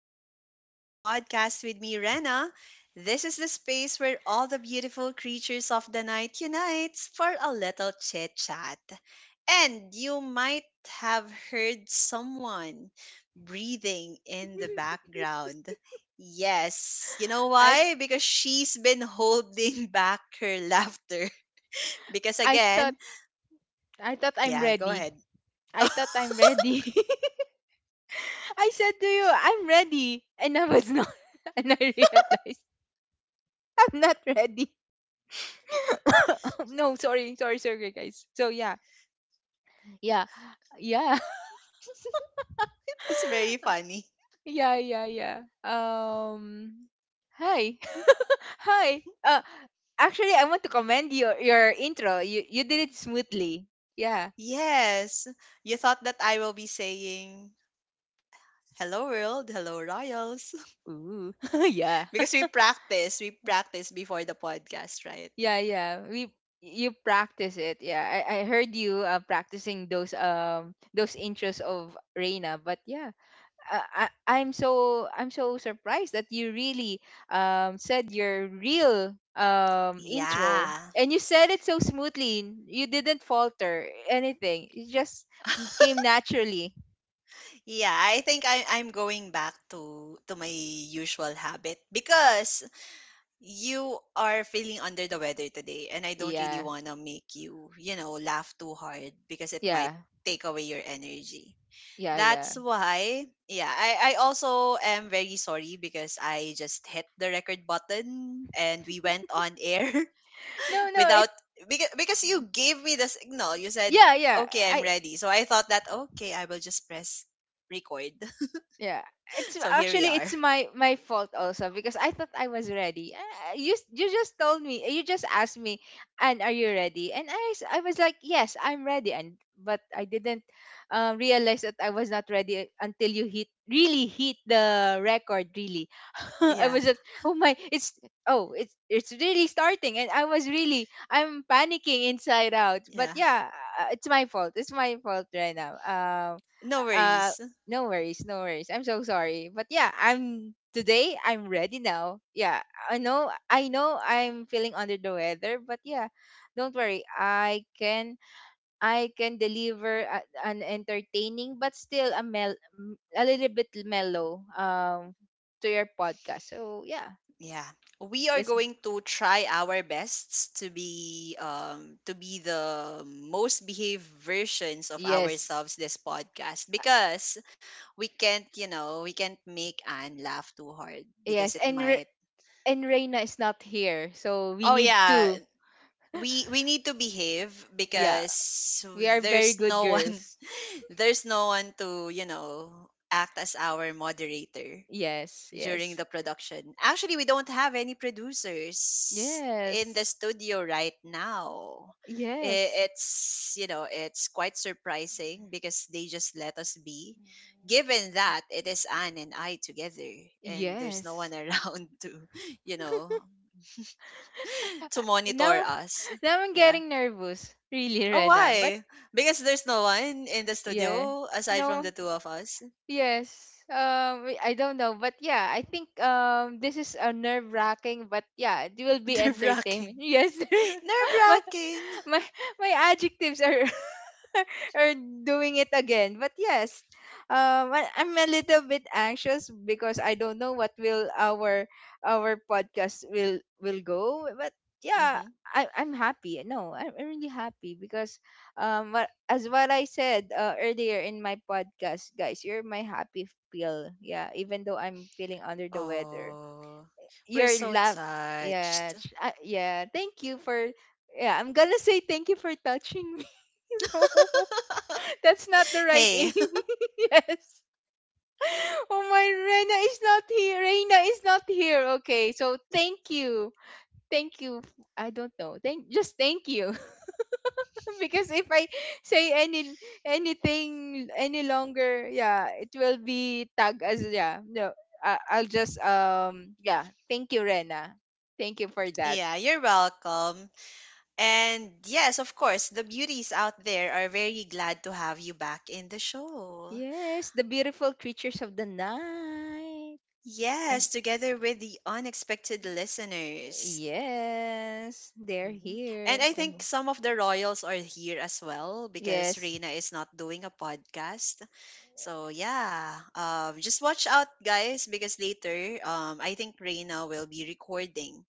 the Sleepless Beauty Podcast with me, Rena. This is the space where all the beautiful creatures of the night unites for a little chit chat. And you might have heard someone breathing in the background. Yes, you know I why? Because she's been holding back her laughter. Because I thought again, I thought I'm yeah, go ready. ahead. I thought I'm ready. I said to you, I'm ready, and I was not, and I realized I'm not ready. No, sorry, sorry, sorry, guys. So yeah, yeah, yeah, It was very funny. yeah, yeah, yeah. Um, Hi, hi. Actually, I want to commend your intro. You did it smoothly. Yeah. Yes. You thought that I will be saying, "Hello world, hello royals." Ooh, yeah. Because we practice before the podcast, right? Yeah, yeah. We You practice it. Yeah. I heard you practicing those interests of Reina, but yeah. I'm so surprised that you really said your real intro, Yeah. and you said it so smoothly. You didn't falter anything. It just came naturally. Yeah, I think I'm going back to my usual habit because you are feeling under the weather today and I don't really Yeah. want to make you, laugh too hard because it Yeah. might take away your energy. Yeah, yeah. That's why, yeah, I also am very sorry because I just hit the record button and we went on air No, no, it without, because you gave me the signal. You said, yeah, yeah. okay, I'm I ready. So I thought that, okay, I will just press record. Yeah, it's So here we actually are. it's my fault also, because I thought I was ready. You s- you just told me You just asked me, and are you ready? And I was like, yes, I'm ready, and but I didn't realize that I was not ready until you hit really hit the record, really. I Yeah, was just Oh, my, it's oh, it's really starting, and I was really I'm panicking inside out. But yeah. yeah, it's my fault. It's my fault right now. No Uh, worries. no worries, no worries. I'm so sorry. But yeah, I'm today I'm ready now. Yeah. I know I'm feeling under the weather, but yeah, don't worry. I can deliver an entertaining but still a little bit mellow to your podcast. So yeah, Yeah. We are let's g- going to try our best to be the most behaved versions of yes. ourselves this podcast because we can't, we can't make Anne laugh too hard because Yes, it might. and Reina is not here. So, we Oh need yeah, to we need to behave yeah, because we are very there's good no one girls. there's no one to, act as our moderator Yes, during yes. the production. Actually, we don't have any producers in the Yes. studio right now. Yes. It's, it's quite surprising because they just let us be. Given that it is Anne and I together and there's no Yes. one around to, you know, to monitor Now, us. now I'm Yeah. getting nervous. Really, Oh, Rena. But why? Because there's no one in the yeah. studio aside from No. the two of us. Yes. I don't know, but yeah, I think this is a nerve wracking, but yeah, it will be Nerve wracking. entertainment. Yes, Nerve but wracking. my my adjectives are are doing it again. But yes, I'm a little bit anxious because I don't know what will our podcast will go. But yeah, I'm happy. No, I'm really happy, because as what I said earlier in my podcast, guys, you're my happy pill. Yeah, even though I'm feeling under the weather, Oh, we're your so love, yeah, touched. Yeah, thank you for, yeah, I'm gonna say, thank you for touching me. No, that's not the right Hey, amy. Yes. Oh, my, Rena is not here, reina is not here, okay, so thank you, I don't know, thank just thank you. Because if I say anything any longer, yeah, it will be tagged as, yeah, no. I'll just, yeah, thank you, rena, thank you for that. yeah, you're welcome. And yes, of course, the beauties out there are very glad to have you back in the show. Yes, the beautiful creatures of the night. Um, Yes, together with the unexpected listeners. yes, they're Mhm. And here. I Oh, think some of the royals are here as well because yes. Reina is not doing a podcast. So yeah, just watch out, guys, because later, I think Reina will be recording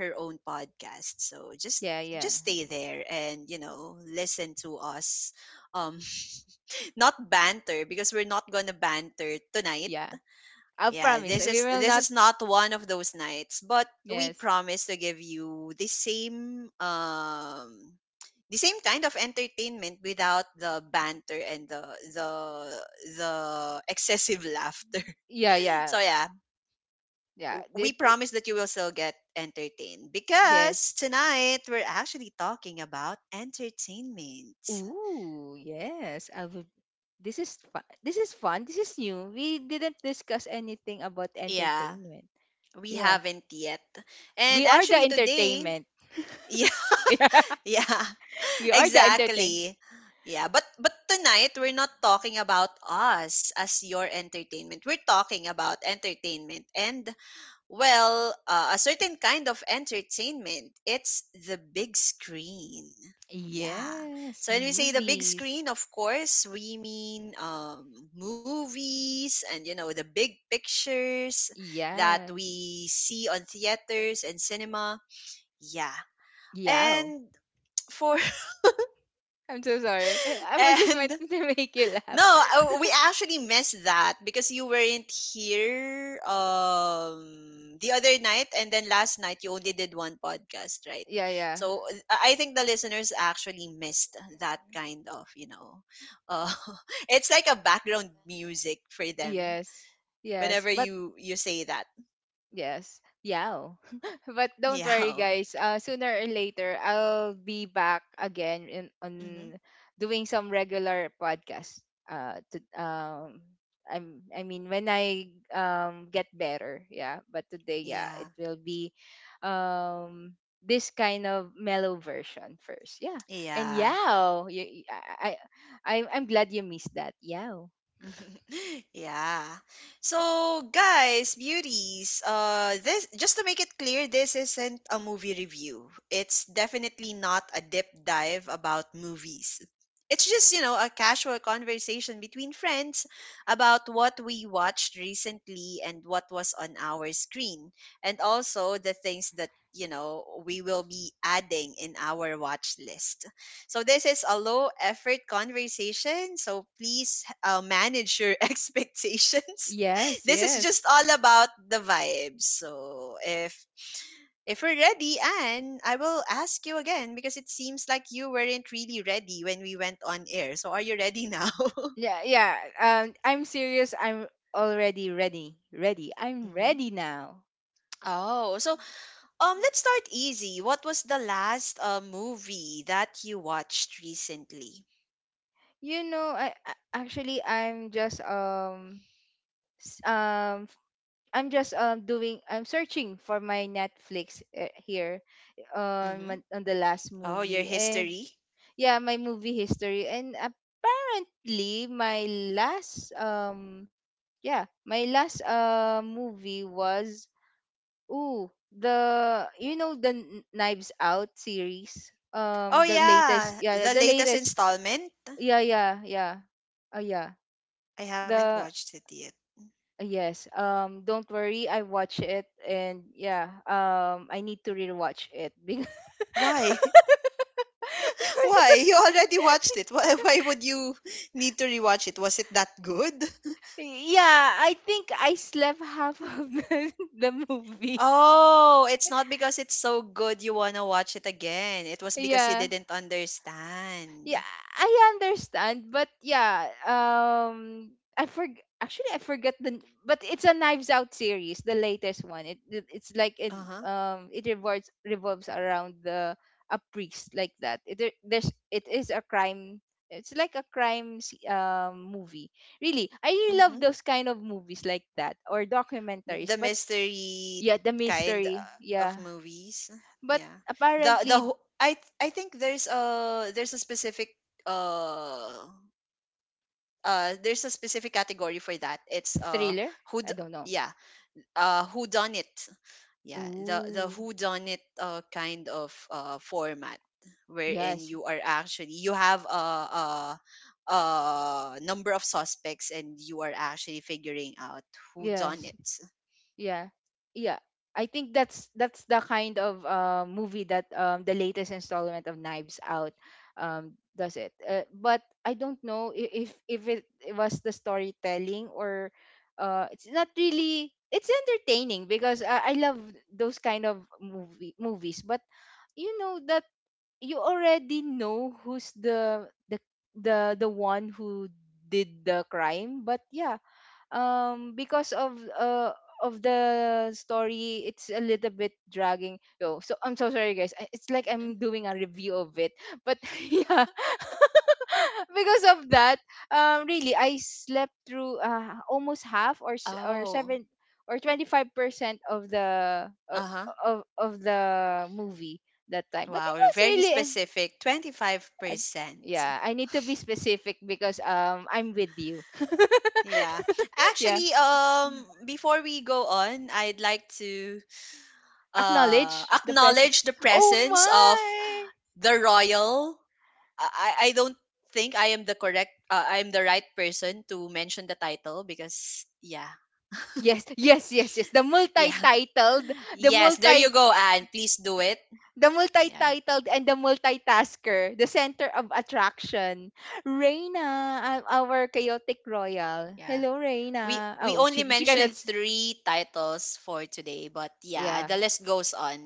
her own podcast. So Yeah, yeah. just stay there and listen to us um not banter because we're not going to banter tonight. Yeah. I Yeah, promise this we is will this not. is not one of those nights, but we Yes. promise to give you the same kind of entertainment without the banter and the the excessive laughter. Yeah, yeah. So yeah, Yeah. We promise that you will still get entertained because Yes. tonight we're actually talking about entertainment. Ooh, yes. I would This is fun. This is fun. This is new. We didn't discuss anything about Yeah, entertainment. we Yeah. haven't yet. We And are the actually today, entertainment. yeah, yeah, We are the entertain. exactly. Yeah, but tonight we're not talking about us as your entertainment. We're talking about entertainment and well, a certain kind of entertainment. It's the big screen. Yeah. Yes, So when we say the big movies. screen, of course, we mean movies and, you know, the big pictures that Yeah. we see on theaters and cinema. Yeah. Yeah. And for I'm so sorry. I I just and meant to make you laugh. no, we actually missed that because you weren't here the other night, and then last night you only did one podcast, right? Yeah, yeah. So I think the listeners actually missed that kind of, you know. Uh it's like a background music for them Yes. whenever Yes. But you say that. yes, yeah. But don't worry, Yeah. guys. Sooner or later, I'll be back again Hmm. on doing some regular podcast. Uh, to, um, I mean, when I get better, yeah. But today, yeah, Yeah. it will be um this kind of mellow version first, yeah. And Yeah. yeah, you, I- I'm glad you missed that. Yeah. Yeah. So, guys, beauties, this just to make it clear, this isn't a movie review. It's definitely not a deep dive about movies. It's just, you know, a casual conversation between friends about what we watched recently and what was on our screen, and also the things that, you know, we will be adding in our watch list. So this is a low effort conversation. So please manage your expectations. Yes, This is yes. just all about the vibes. So if we're ready, Anne, I will ask you again because it seems like you weren't really ready when we went on air. So are you ready now? Yeah, yeah. I'm serious. I'm already ready. Ready. I'm Hmm. ready now. Oh, so let's start easy. What was the last movie that you watched recently? You know, I'm just, s- um f- I'm just doing I'm searching for my Netflix, here Hmm. On the last Oh, your movie, and history. yeah, my movie history, and apparently my last um last movie was, ooh, the you know the Kn- Knives Out series. Oh The latest, yeah, yeah, the the latest latest, installment. yeah, yeah, yeah, yeah. I haven't The watched it yet. Yes, don't worry, I watch it, and yeah, I need to rewatch it because Why? Why? You already watched it. Why, would you need to rewatch it? Was it that good? yeah, I think I slept half of the, the movie. Oh, it's not because it's so good you want to watch it again. It was because you Yeah, didn't understand. yeah, I understand, but yeah, I forg actually I forget the, but it's a Knives Out series, the latest one. It it's like it Uh-huh. It revolves around the, a priest like that. It there- there's it is a crime. It's like a crime movie. Really, I really Mm-hmm. love those kind of movies like that, or documentaries. The But mystery yeah, the kind mystery. Of Yeah, movies. but Yeah. The apparently wh- I th- I think there's a specific uh there's a specific category for that. It's thriller. who I don't know. yeah, uh, who done it. Yeah, the Ooh. who done it kind of format wherein Yes, you are actually you have a a number of suspects and you are actually figuring out who yes. done it. Yeah. Yeah. I think that's the kind of movie that, the latest installment of Knives Out, does it. But I don't know if it was the storytelling, or, it's not really. It's entertaining because, I love those kind of movies. But you know that you already know who's the one who did the crime. But yeah, because of the story, it's a little bit dragging, yo, so I'm so sorry, guys. It's like Mhm. I'm doing a review of it, but yeah because of that, really I slept through, almost half, or Oh, 7, or 25% of the, uh huh. of the movie that time, but it Wow, was very really and, specific. Twenty five I, percent. yeah, I need to be specific because, I'm with you. Yeah. Yeah, Actually, before we go on, I'd like to acknowledge the present. acknowledge the Oh, presence of my! the royal. I don't think I am the correct I am the right person to mention the title because yeah. Yes, yes, yes, yes. The Yeah. multi-titled, the Yes, there you multi go, Anne. Please do it. the Yeah. multi-titled, and the multitasker, the center of attraction. Reina, our chaotic royal. Yeah. Hello, Reina. We Oh, only she cannot. mentioned three titles for today, but yeah, Yeah, the list goes on.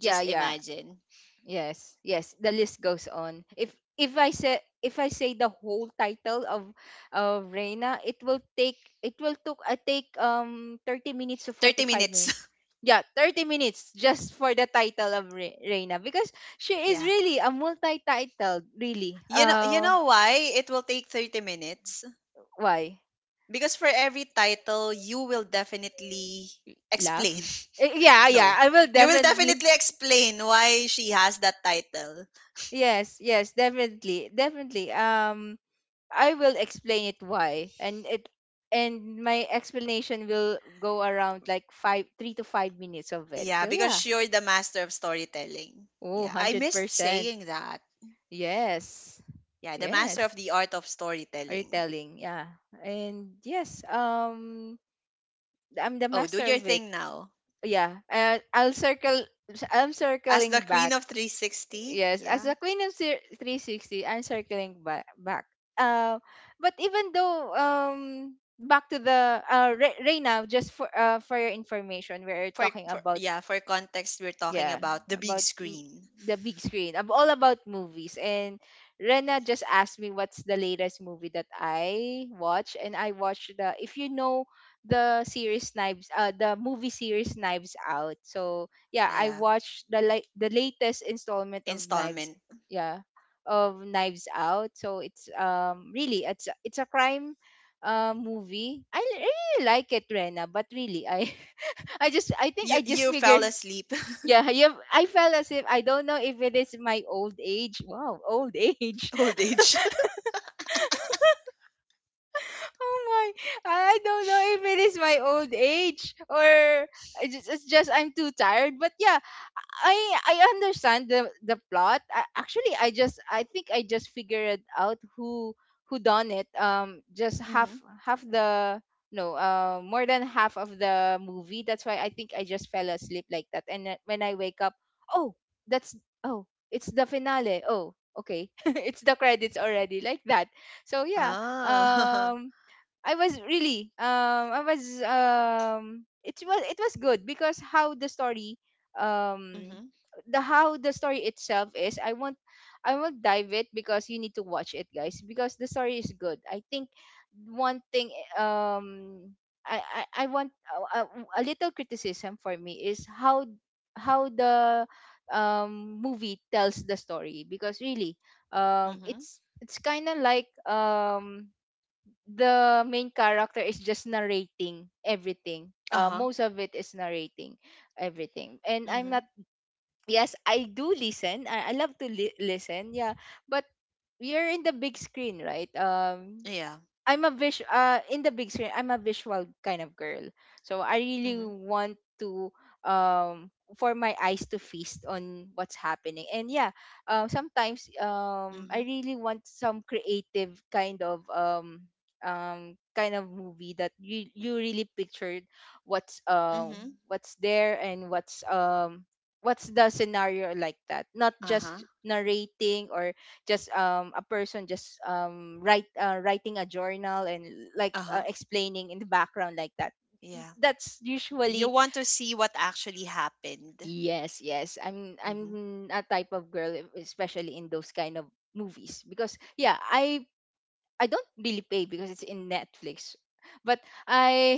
yeah, Just yeah. imagine. Yes, yes. The list goes on. If I say the whole title of Reina, it will take, it will took I take, 30 minutes to 30 45, minutes. yeah, 30 minutes, just for the title of Reina, because she is Yeah. really a multi-titled, really, You know why it will take 30 minutes? why Because for every title, you will definitely laugh. explain. Eh, yeah, yeah, No, I will you will definitely, definitely explain why she has that title. yes, yes, definitely, definitely, I will explain it why, and it, and my explanation will go around like five three to 5 minutes of it, Yeah, so yeah, because you're the master of storytelling. oh, Yeah, I missed 100%, saying that. yes, Yeah, the master yes, of the art of storytelling. retelling, yeah, and yes, I'm the Oh, do master your of it. thing now. Yeah. And I'll circle I'm As the circling queen back. of 360, Yes, yeah. as a queen of 360, I'm circling back. Uh, but even though, back to Reina, just, for your information, we're For talking about, yeah, for context, we're talking yeah, about the big about, screen. the big screen. I'm all about movies, and rena just asked me what's the latest movie that I watch, and I watched the if you know the series Knives, the movie series Knives Out. So yeah, I Yeah, watched the like the latest installment of Knives, installment. yeah, of Knives Out. So it's, really, it's a crime, movie. I really like it, rena, but really, I I think you I just you figure, fell asleep. yeah, you I felt as if, I don't know if it is my old age. Wow, old age. Old age. Oh, my. I don't know if it is my old age, or I just, it's just I'm too tired. But yeah, I I understand the plot. Actually, I think I just figured out who done it. Just half Mhm. half the no, more than half of the movie. That's why I think I just fell asleep like that. And then when I wake up, oh, that's oh, it's the finale. Oh, okay, it's the credits already like that. So yeah, Ah. um, I was really I was it was good because how the story, um Mhm. the how the story itself is. I won't dive it because you need to watch it, guys, because the story is good. I think one thing, I want, a little criticism for me, is how the movie tells the story, because really, Mhm. It's kind of like, the main character is just narrating everything. Uh-huh. Most of it is narrating everything. And I'm not, Mhm. yes, I do listen. I love to listen. Yeah. But you're in the big screen, right? Yeah. I'm a vis In the big screen, I'm a visual kind of girl. So I Mhm. really want to for my eyes to feast on what's happening. And yeah, sometimes, I Mhm. really want some creative kind of, movie that you really pictured what's, Mhm. There, and what's the scenario like that. Not just Uh-huh. narrating or just a person just write writing a journal and like Uh-huh. Explaining in the background like that Yeah. that's You Usually want to see what actually happened. yes, yes, i'm Mhm. i'm a type of girl, e, especially in those kind of movies because yeah, I don't really pay because it's in Netflix. But I,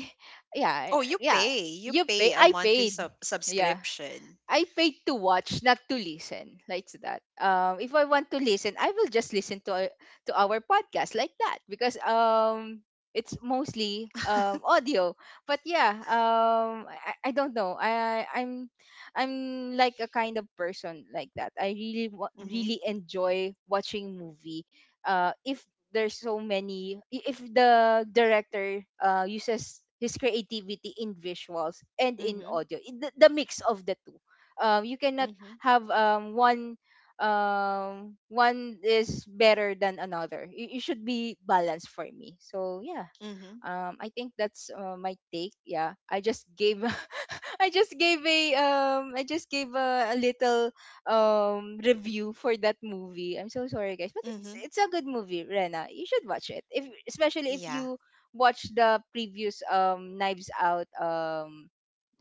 Oh, yeah, you yeah, pay. You you pay pay, a I monthly paid, yeah. subscription. I paid to watch, not to listen, like that. If I want to listen, I will just listen to our podcast like that because it's mostly audio. But yeah, I don't know. I'm I'm like a kind of person like that. I really Mhm. really enjoy watching movie. If there's so many, if the director uses his creativity in visuals and in Mhm. audio, the mix of the two, you cannot Mhm. have one is better than another. You should be balanced for me, so yeah, Mhm. I think that's my take. Yeah, I just gave I just gave a little review for that movie. I'm so sorry guys, but it's Mhm. a good movie. Rena, you should watch it if, especially if you Yeah. watch the previous Knives Out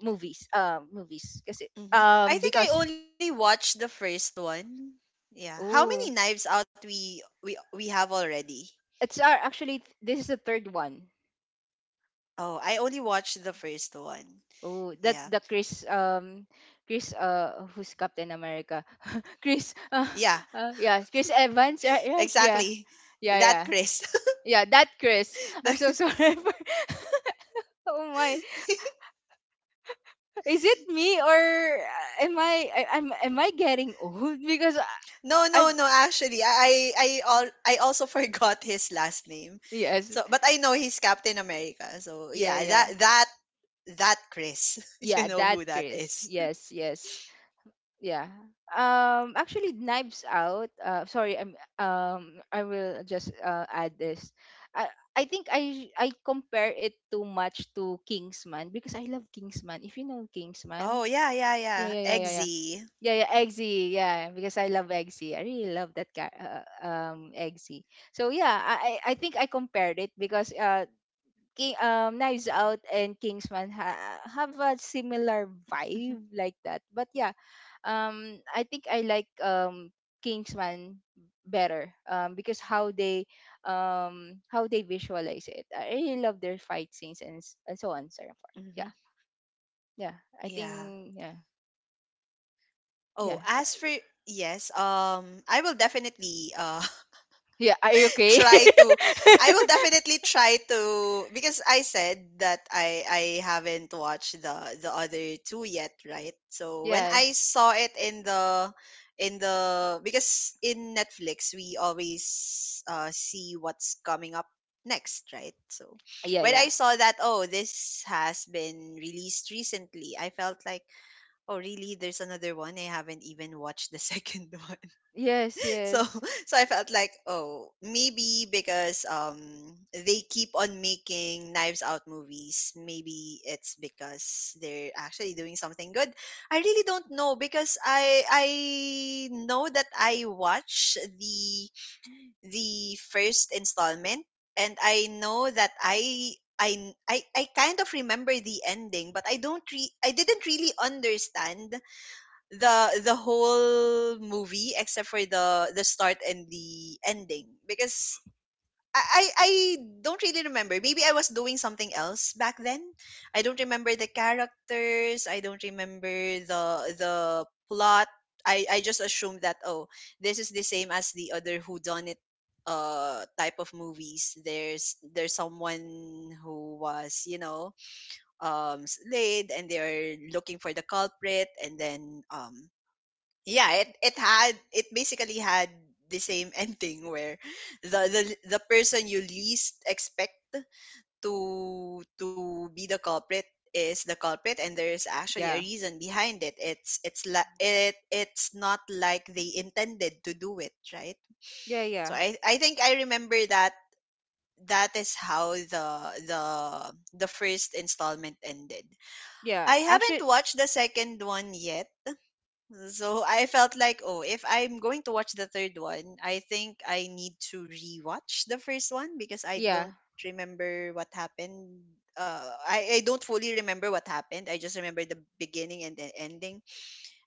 movies, movies kasi, Mhm. I because think I only watched the first one. Yeah. How Oh, many knives out we have already? it's actually, th- this is the third one. Oh, I only watched the first one. Oh, that Yeah. the Chris, who's Captain America? Chris Yeah, Yeah, Chris Evans, right, right? Yeah. exactly. Yeah, That yeah. Chris. Yeah, that Chris. I'm so The- sorry. For, oh my. Is it me or, am I I'm am I getting old? Because I, no, no, I'm, no, actually I all I also forgot his last name. yes. So but I know he's Captain America. So Yeah, yeah, yeah. That Chris. You Yeah, know that who that Chris. is. Yes, yes. Yeah, actually, Knives Out, sorry, I will just add this. I i think I compare it too much to Kingsman because I love Kingsman. If you know Kingsman, Oh, yeah, yeah, yeah, yeah. yeah, yeah, yeah, yeah, Eggsy. yeah, yeah, Eggsy, yeah, because I love Eggsy. I really love that guy, Eggsy. So yeah, I think I compared it because Knives Out and Kingsman have a similar vibe like that. But yeah, I think I like Kingsman better because how they visualize it. I really love their fight scenes and and so on, so forth. Mhm. Yeah, yeah. I Yeah. think yeah, Oh, yeah, as for yes, I will definitely yeah. Are you okay? try to. I will definitely try to because I said that I haven't watched the other two yet, right? So when I Yes. saw it in the because in Netflix we always see what's coming up next, right? So Yeah, when yeah. I saw that oh this has been released recently, I felt like oh really there's another one, I haven't even watched the second one. Yes, So yes. so I felt like oh maybe because they keep on making Knives Out movies, maybe it's because they're actually doing something good. I really don't know because I know that I watched the first installment and I know that I kind of remember the ending but I don't I didn't really understand the whole movie except for the start and the ending because I don't really remember. Maybe I was doing something else back then. I don't remember the characters. I don't remember the the plot. I just assumed that, oh, this is the same as the other who done it type of movies. There's someone who was, you know, slayed and they are looking for the culprit, and then yeah, it basically had the same ending where the the, the person you least expect to be the culprit is the culprit, and there is actually a Yeah. reason behind it. It it's not like they intended to do it, right? Yeah, So yeah. I think I remember that that is how the the first installment ended. Yeah. I haven't Actually, watched the second one yet. So I felt like, oh, if I'm going to watch the third one, I think I need to rewatch the first one because I don't yeah. remember what happened. I don't fully remember what happened. I just remember the beginning and the ending.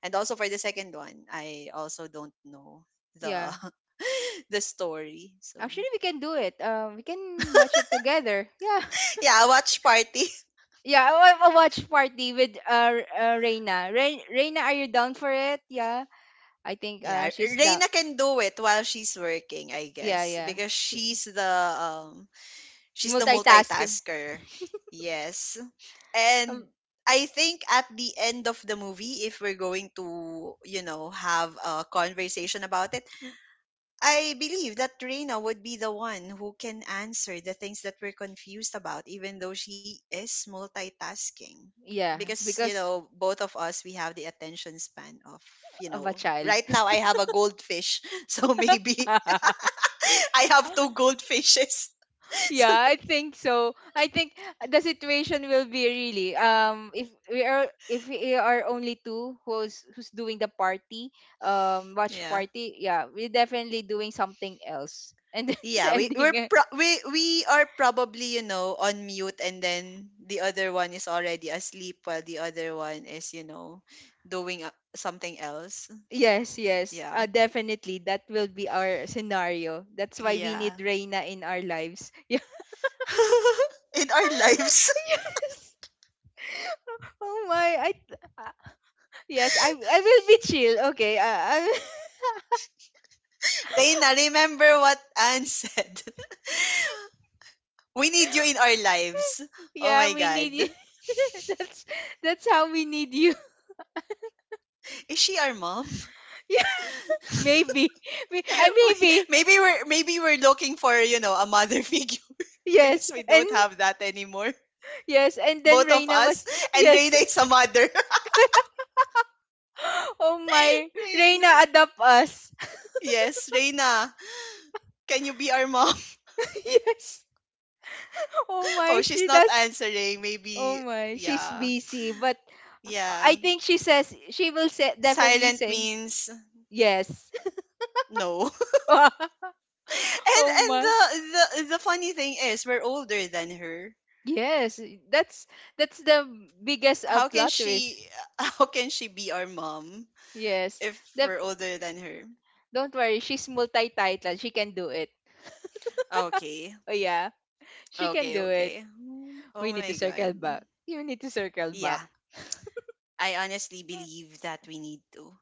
And also for the second one, I also don't know the Yeah. the story. So Actually, we can do it. We can watch it together. Yeah, yeah, watch party. yeah. I a watch party with Reina. Reina, are you down for it? Yeah, I think Yeah, she's down. Reina can do it while she's working, I Yeah, guess, yeah. because She, she's the multitasker. multitasker. Yes. And Um, I think at the end of the movie, if we're going to, you know, have a conversation about it, I believe that Reina would be the one who can answer the things that we're confused about, even though she is multitasking. yeah, Because, you because know, both of us, we have the attention span of, you of a know, child. right now I have a goldfish. So maybe I have two goldfishes. So, Yeah, I think so. I think the situation will be really if we are, if we are only two who's, who's doing the party, watch yeah. party, yeah, we're definitely doing something else and then Yeah, we we're ending it. pro- we we are probably, you know, on mute, and then the other one is already asleep while the other one is, you know, doing something else. So Yes, yes, yeah, definitely that will be our scenario. That's why we yeah. need Reina in our lives. In our lives, Yeah, yes. Oh my! Yes, I will be chill. Okay. I Reina, remember what Anne said. We need you in our lives. Oh my yeah, we need God, you. that's that's how we need you. is she our mom? Yeah, maybe. I We- maybe. maybe we're maybe we're looking for, you know, a mother figure because Yes. we And don't have that anymore. yes, and then Both of Reina us. was, And Reina yes. is a mother. Oh my, Reina, Reina. adopt us. Yes, Reina. Can you be our mom? Yes. Oh Oh, my, she's she not does. answering. Oh Maybe, my, she's yeah. busy, but I Yeah. think she says she will say, definitely Silent say means yes. no. Oh and and my. the, the the funny thing is we're older than her. Yes, that's that's the biggest How can plot twist. she how can she be our mom Yes, if the, we're older than her? don't worry, she's multi-titled. She can do it. Okay. Oh yeah, she can Okay, do it. okay. Oh We need my to god. circle back. You need to circle back. Yeah. I honestly believe that we need to.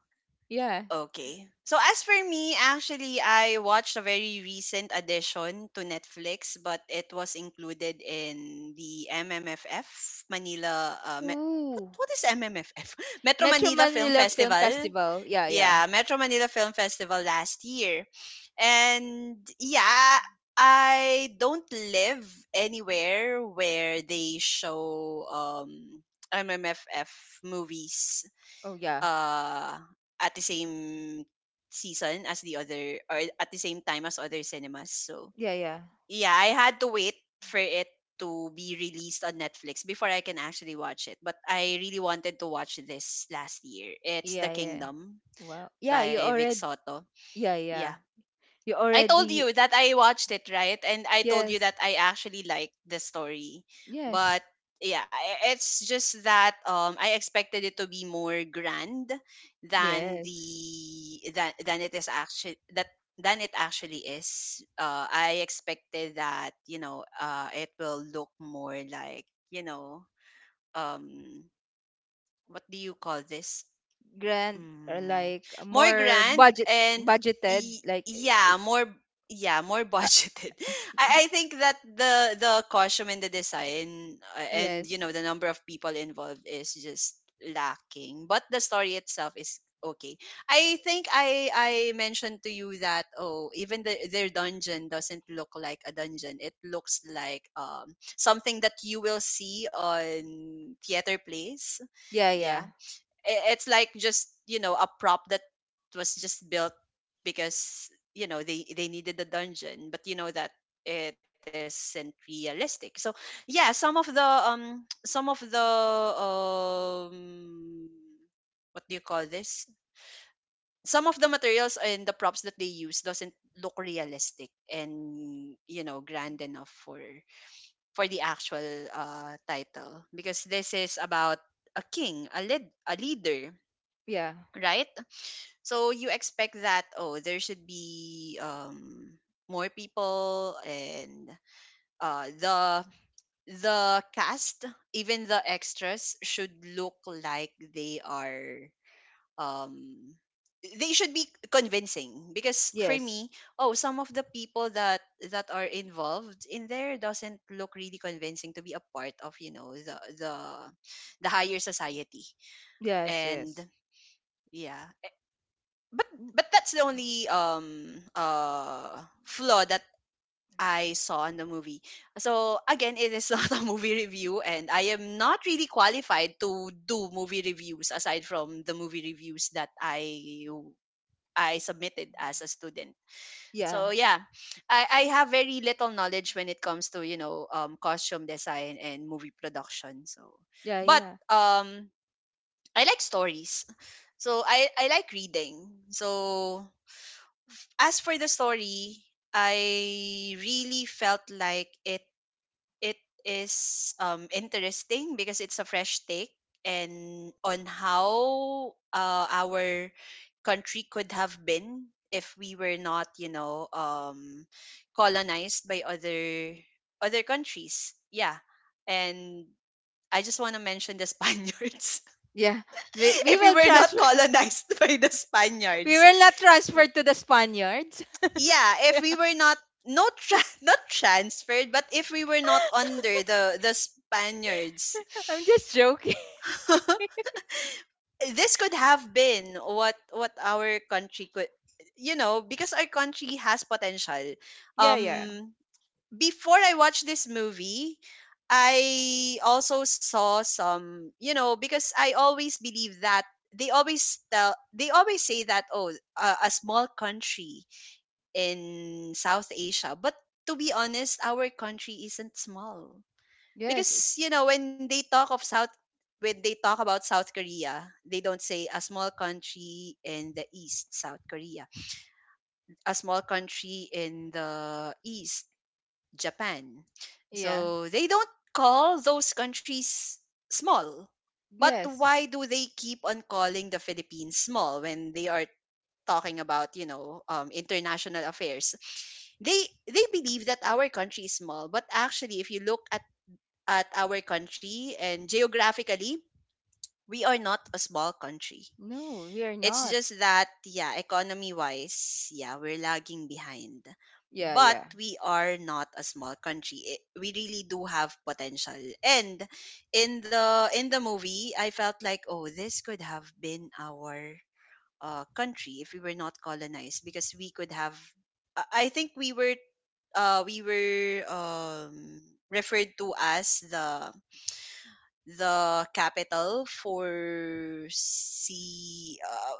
Yeah. Okay. So as for me, actually, I watched a very recent addition to Netflix, but it was included in the MMFF Manila. Uh, Me- what Ooh. what is MMFF? Metro Metro Manila Film Manila Film Festival. Festival. Yeah, yeah. Yeah, Metro Manila Film Festival last year, and yeah, I don't live anywhere where they show MMFF movies Oh yeah. uh at the same season as the other or at the same time as other cinemas. So Yeah, yeah. yeah, I had to wait for it to be released on Netflix before I can actually watch it. But I really wanted to watch this last year. It's The Yeah, yeah. Kingdom Wow. Yeah, you by Vic already Soto. yeah, Yeah, yeah. You I told already you that I watched it, right? And I told you yes. that I actually liked the story. Yes. But yeah, it's just that I expected it to be more grand than the Yes. Than it is actually that than it actually is. I expected that, you know, it will look more like, you know, um, what do you call this? Grand or Mm. like More more grand budget, and budgeted y- like, yeah, more yeah, more uh, budgeted. I think that the costume and the design, and, you yes. know, the number of people involved is just lacking, but the story itself is okay. I think I mentioned to you that, oh, even the, their dungeon doesn't look like a dungeon. It looks like something that you will see on theater plays. Yeah, yeah. Yeah, it's like just, you know, a prop that was just built because, you know, they needed the dungeon but you know that it isn't realistic. So yeah, some of the some of the um, what do you call this, some of the materials and the props that they use doesn't look realistic and, you know, grand enough for the actual title, because this is about a king, a lead, a leader, Yeah. right? So you expect that, oh, there should be more people, and uh the the cast, even the extras, should look like they are um they should be convincing, because for Yes. me, oh, some of the people that that are involved in there doesn't look really convincing to be a part of, you know, the the higher society. Yes, And yes. yeah, but but that's the only flaw that I saw in the movie. So again, it is not a movie review, and I am not really qualified to do movie reviews aside from the movie reviews that I submitted as a student. So Yeah, yeah, I have very little knowledge when it comes to, you know, costume design and movie production. So, yeah, but yeah, I like stories, so I like reading. So as for the story, I really felt like it is interesting because it's a fresh take and on how, our country could have been if we were not, you know, um, colonized by other other countries. Yeah. And I just want to mention the Spaniards. yeah. We If we will were not transfer. colonized by the We Spaniards. will not transfer to the Spaniards. Yeah, if we were not not transferred, but if we were not under the Spaniards, I'm just joking. this could have been what our country could, you know, because our country has potential, Yeah, yeah. um, before I watched this movie I also saw some, you know, because I always believe that they always tell, they always say that, oh, a small country in South Asia. But to be honest, our country isn't small. Yes, Because, it's you know, when they talk about South Korea, they don't say a small country in the East, South Korea. A small country in the East, Japan. yeah. So they don't call those countries small. But Yes. why do they keep on calling the Philippines small when they are talking about, you know, international affairs? they they believe that our country is small, but actually if you look at our country and geographically we are not a small country. No, we are It's not. just that, yeah, economy wise, yeah, we're lagging behind, Yeah, but yeah. we are not a small country. I- we really do have potential, and in the movie I felt like, oh, this could have been our, country if we were not colonized, because we could have, I think we were, we were, referred to as the capital for sea,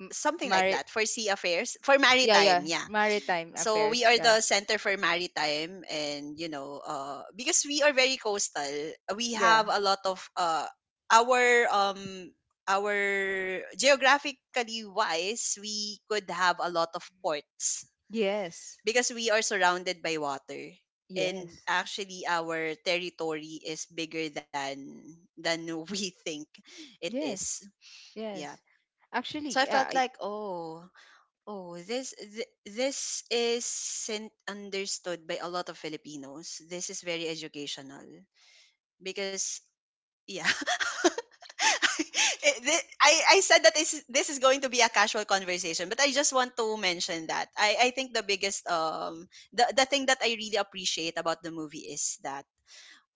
M- something like mari- that, for sea affairs, for yeah, yeah. maritime, yeah. Maritime So we affairs. are Yeah. the center for maritime and, you know, uh, because we are very coastal we have Yeah. a lot of, uh, our, um, our geographically wise we could have a lot of ports Yes. because we are surrounded by water. And Yes. actually our territory is bigger than we think it is, Yes. yeah. Yes. So Actually, I yeah, felt I, like, oh, Oh, this this isn't understood by a lot of Filipinos. This is very educational because yeah. I said that this this is going to be a casual conversation, but I just want to mention that. I think the biggest um, the thing that I really appreciate about the movie is that,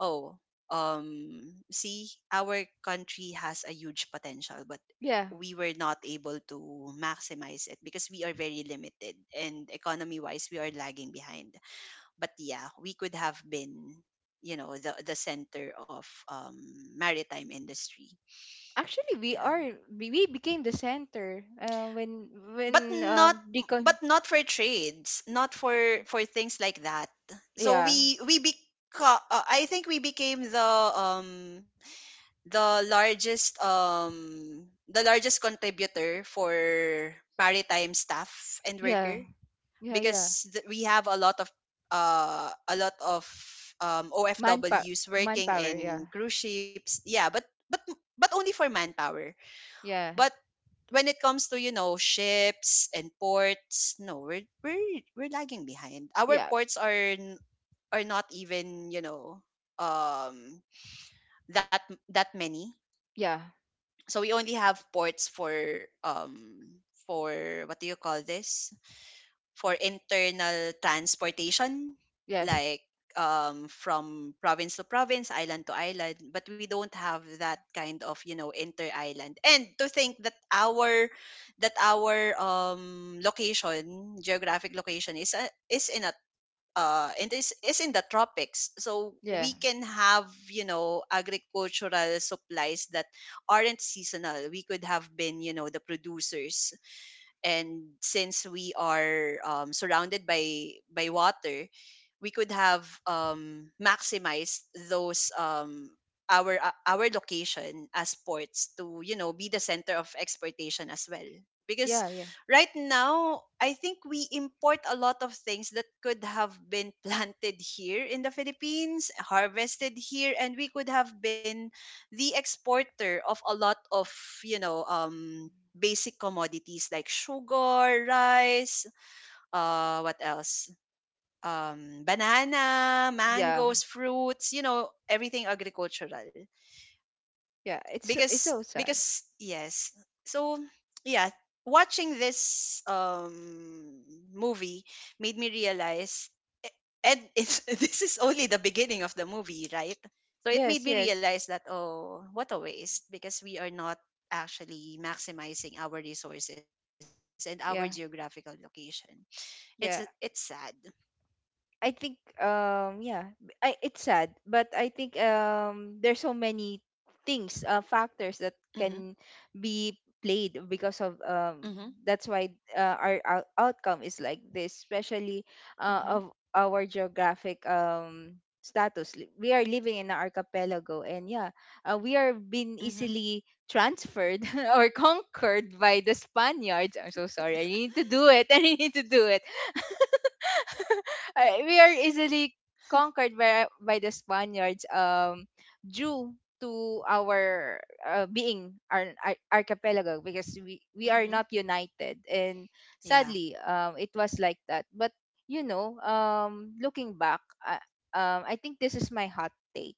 oh, um, see our country has a huge potential, but yeah. we were not able to maximize it because we are very limited and economy wise we are lagging behind, but yeah we could have been, you know, the center of maritime industry. Actually, we Yeah, are, we became the center when but when not but decon, not for trades, not for for things like that. So yeah. We I think we became the um, the largest um, the largest contributor for maritime staff and worker, Yeah, yeah, yeah. because we have a lot of, uh, a lot of um, Manpower, OFWs working manpower. Yeah, in cruise ships, yeah, but but only for manpower. yeah, But when it comes to, you know, ships and ports, no, we're lagging behind. Our yeah, ports are n- are not even, you know, um, that that many. yeah. So we only have ports for um, for what do you call this, for internal transportation, Yes, like from province to province, island to island, but we don't have that kind of, you know, inter island. And to think that our location, geographic location, is a, is in a, and this is in the tropics, so yeah, we can have, you know, agricultural supplies that aren't seasonal. We could have been, you know, the producers, and since we are, surrounded by water, we could have, maximized those, our, our location as ports to, you know, be the center of exportation as well. Because yeah, yeah, right now I think we import a lot of things that could have been planted here in the philippines, harvested here, and we could have been the exporter of a lot of, you know, um, basic commodities, like sugar, rice, what else? Banana, yeah, mangoes, fruits, you know, everything agricultural, yeah. It's so, it's so sad. because yes. So yeah, watching this movie made me realize, eh, and it's, this is only the beginning of the movie, right? So it made Yes, me yes, realize that, oh, what a waste, because we are not actually maximizing our resources and our geographical yeah, location. It's it's sad. yeah. I think yeah, I, it's sad, but I think there's so many things, factors that Mm-hmm. can be played because of Mm-hmm. that's why, our outcome is like this, especially Mm-hmm. of our geographic status. We are living in an archipelago, and yeah, we are being Mm-hmm. easily transferred or conquered by the Spaniards. I'm so sorry. I need to do it. I need to do it. I- we are easily conquered by the Spaniards, due to our being our archipelago because we are Hmm. not united, and Yeah. sadly it was like that. But you know, looking back, I think this is my hot take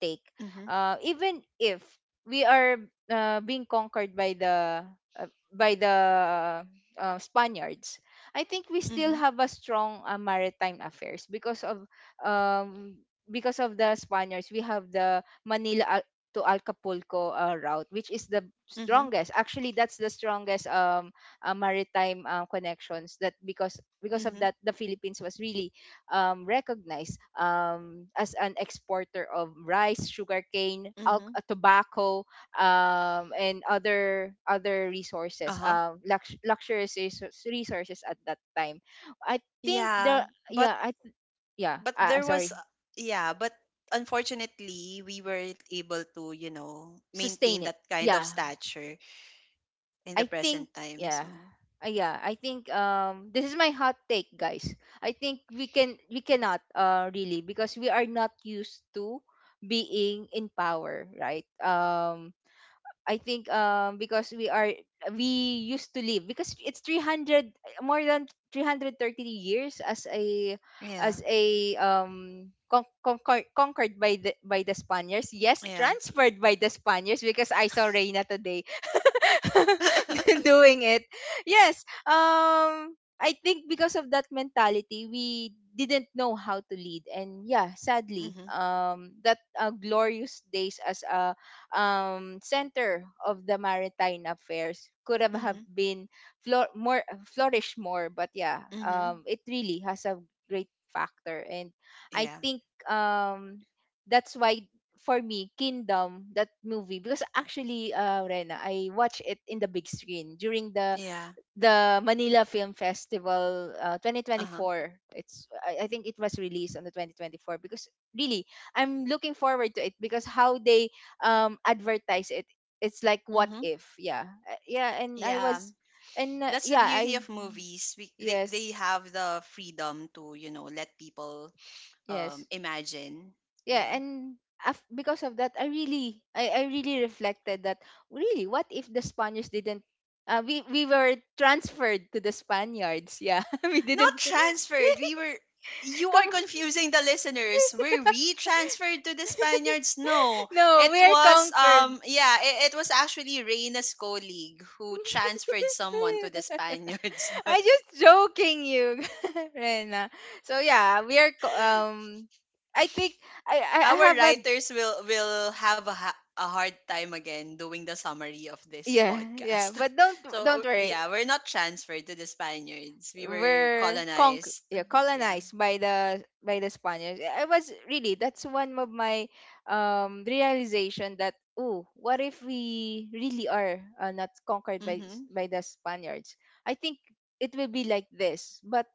take Mm-hmm. Even if we are, being conquered by the, uh, by the Spaniards, I think we still Mm-hmm. have a strong, maritime affairs um because of the Spaniards. We have the Manila to Acapulco route, which is the Mm-hmm. strongest. Actually, that's the strongest maritime connections. That, because of Mm-hmm. that, the Philippines was really recognized as an exporter of rice, sugarcane, Mm-hmm. Tobacco, and other other resources, Uh-huh. Luxurious resources at that time. I think the Yeah, but yeah, yeah but I, I'm there was, sorry, yeah, but unfortunately we weren't able to, you know, maintain sustain it, that kind of yeah, stature in the I think, present time. yeah. So, Yeah, I think this is my hot take, guys. I think we can, we cannot really, because we are not used to being in power, right? I think because we are, we used to live, because it's 300, more than 330 years as a, yeah. as a conquered by the, by the Spaniards. Yes, Yeah. transferred by the Spaniards because I saw Reina today doing it. Yes, I think because of that mentality, we didn't know how to lead, and yeah, sadly, Mhm. That glorious days as a, center of the maritime affairs could have Mhm. been, more flourished more. But yeah, Mhm. It really has a great factor, and I Yeah. think um, that's why for me Kingdom, that movie, because actually Rena, I watched it in the big screen during the Yeah. the Manila Film Festival, Uh-huh. 2024. It's, I think it was released on the 2024 because really I'm looking forward to it, because how they advertise it. It's like, what Mhm. if? Yeah. Yeah, and I Yeah. was, and That's the yeah beauty I, of movies. We, they yes, have the freedom to, you know, let people yes, imagine. yeah, Yeah. and because of that I really reflected that, really what if the Spaniards didn't, we were transferred to the Spaniards, yeah, we Not didn't transferred. We were. You are come. confusing the listeners. Were we transferred to the Spaniards? No. No, It we are was conquered. um yeah, it, it was actually Reyna's colleague who transferred someone to the Spaniards, but I just joking you, Rena. So yeah, we are I think I our have a, writers will have a hard time again doing the summary of this yeah, yeah, podcast. but don't don't So worry. yeah, we're not transferred to the Spaniards. We were Were colonized. yeah, Yeah. colonized by the, by the Spaniards. I was really, that's one of my realization that, oh, what if we really are, not conquered by Mhm. by the Spaniards? I think it will be like this, but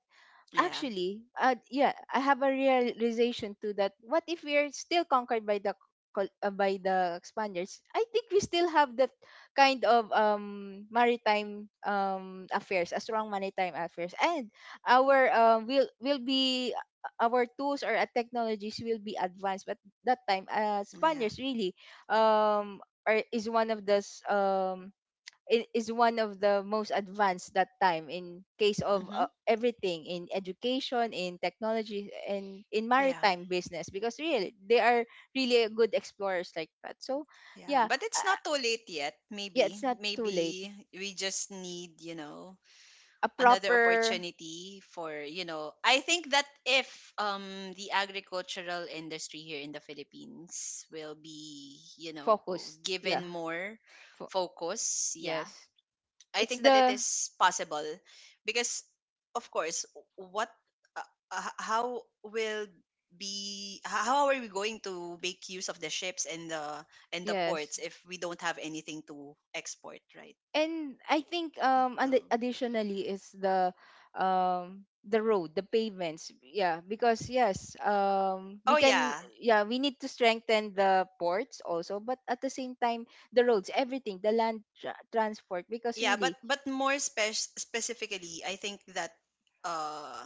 Yeah. actually, yeah, I have a realization too that, what if we are still conquered by the, by the Spaniards? I think we still have that kind of maritime affairs, a strong maritime affairs, and our will be our tools or technologies will be advanced. But that time, Yeah. Spaniards really are is one of those, is one of the most advanced that time, in case of Mhm. Everything, in education, in technology, and in Yeah. maritime business, because really they are really good explorers like that. So Yeah, yeah, but it's uh, not too late yet. yeah, Maybe, it's not too late. maybe we just need A another proper opportunity for I think that if the agricultural industry here in the Philippines will be focus, given yeah. more fo- focus, yeah, yes. I It's think that it the... is possible, because of course what how will be h- how are we going to make use of the ships and the yes. ports if we don't have anything to export, right? And I think, So and additionally is the road, the pavements, yeah, because yes, oh we can... yeah, yeah, we need to strengthen the ports also, but at the same time, the roads, everything, the land transport, because yeah, but really, more specifically, I think that uh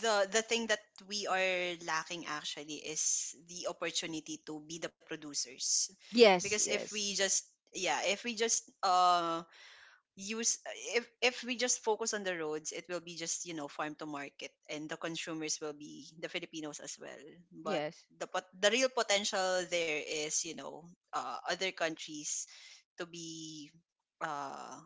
the thing that we are lacking, actually, is the opportunity to be the producers, because yes, yes, yeah if we just uh use if we just focus on the roads, it will be just, farm to market, and the consumers will be the Filipinos as well. But yes. the the real potential there is, other countries to uh,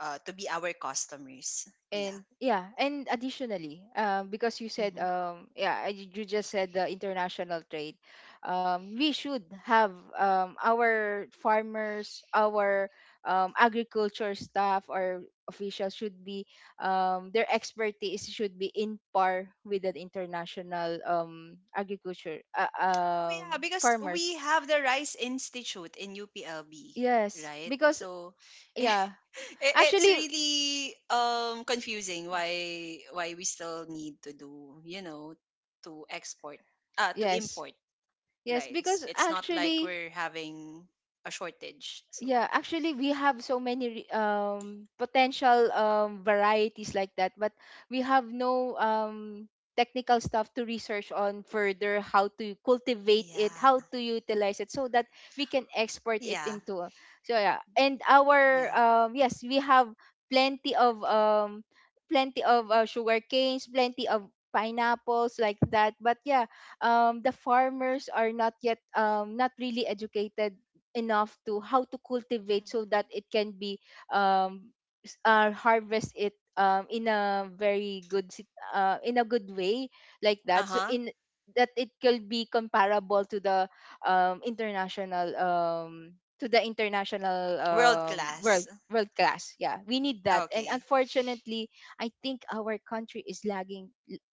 be our customers. Yeah. And yeah, and additionally, because you said, Mm-hmm. Yeah, you just said, the international trade. We should have our farmers, our agriculture staff or officials should be, their expertise should be in par with an international agriculture Oh yeah, because we farmers. have the Rice Institute in UPLB, Yes, right? because So it, yeah, it's actually, really confusing why we still need to do, you know, to export to yes, import yes, rice. because It's not like actually, we're having a shortage. So yeah, actually, we have so many potential varieties like that, but we have no technical stuff to research on further, how to cultivate it, yeah. how to utilize it, so that we can export it Yeah. into. So yeah, and our Yeah. Yes, we have plenty of sugar canes, plenty of pineapples like that. But yeah, the farmers are not yet not really educated enough to how to cultivate, so that Mhm. it can be um harvest it in a very good in a good way like that, so Uh-huh. in that it could be comparable to the international to the international World world. class. World class, yeah, we need that. And Okay. unfortunately, I think our country is lagging,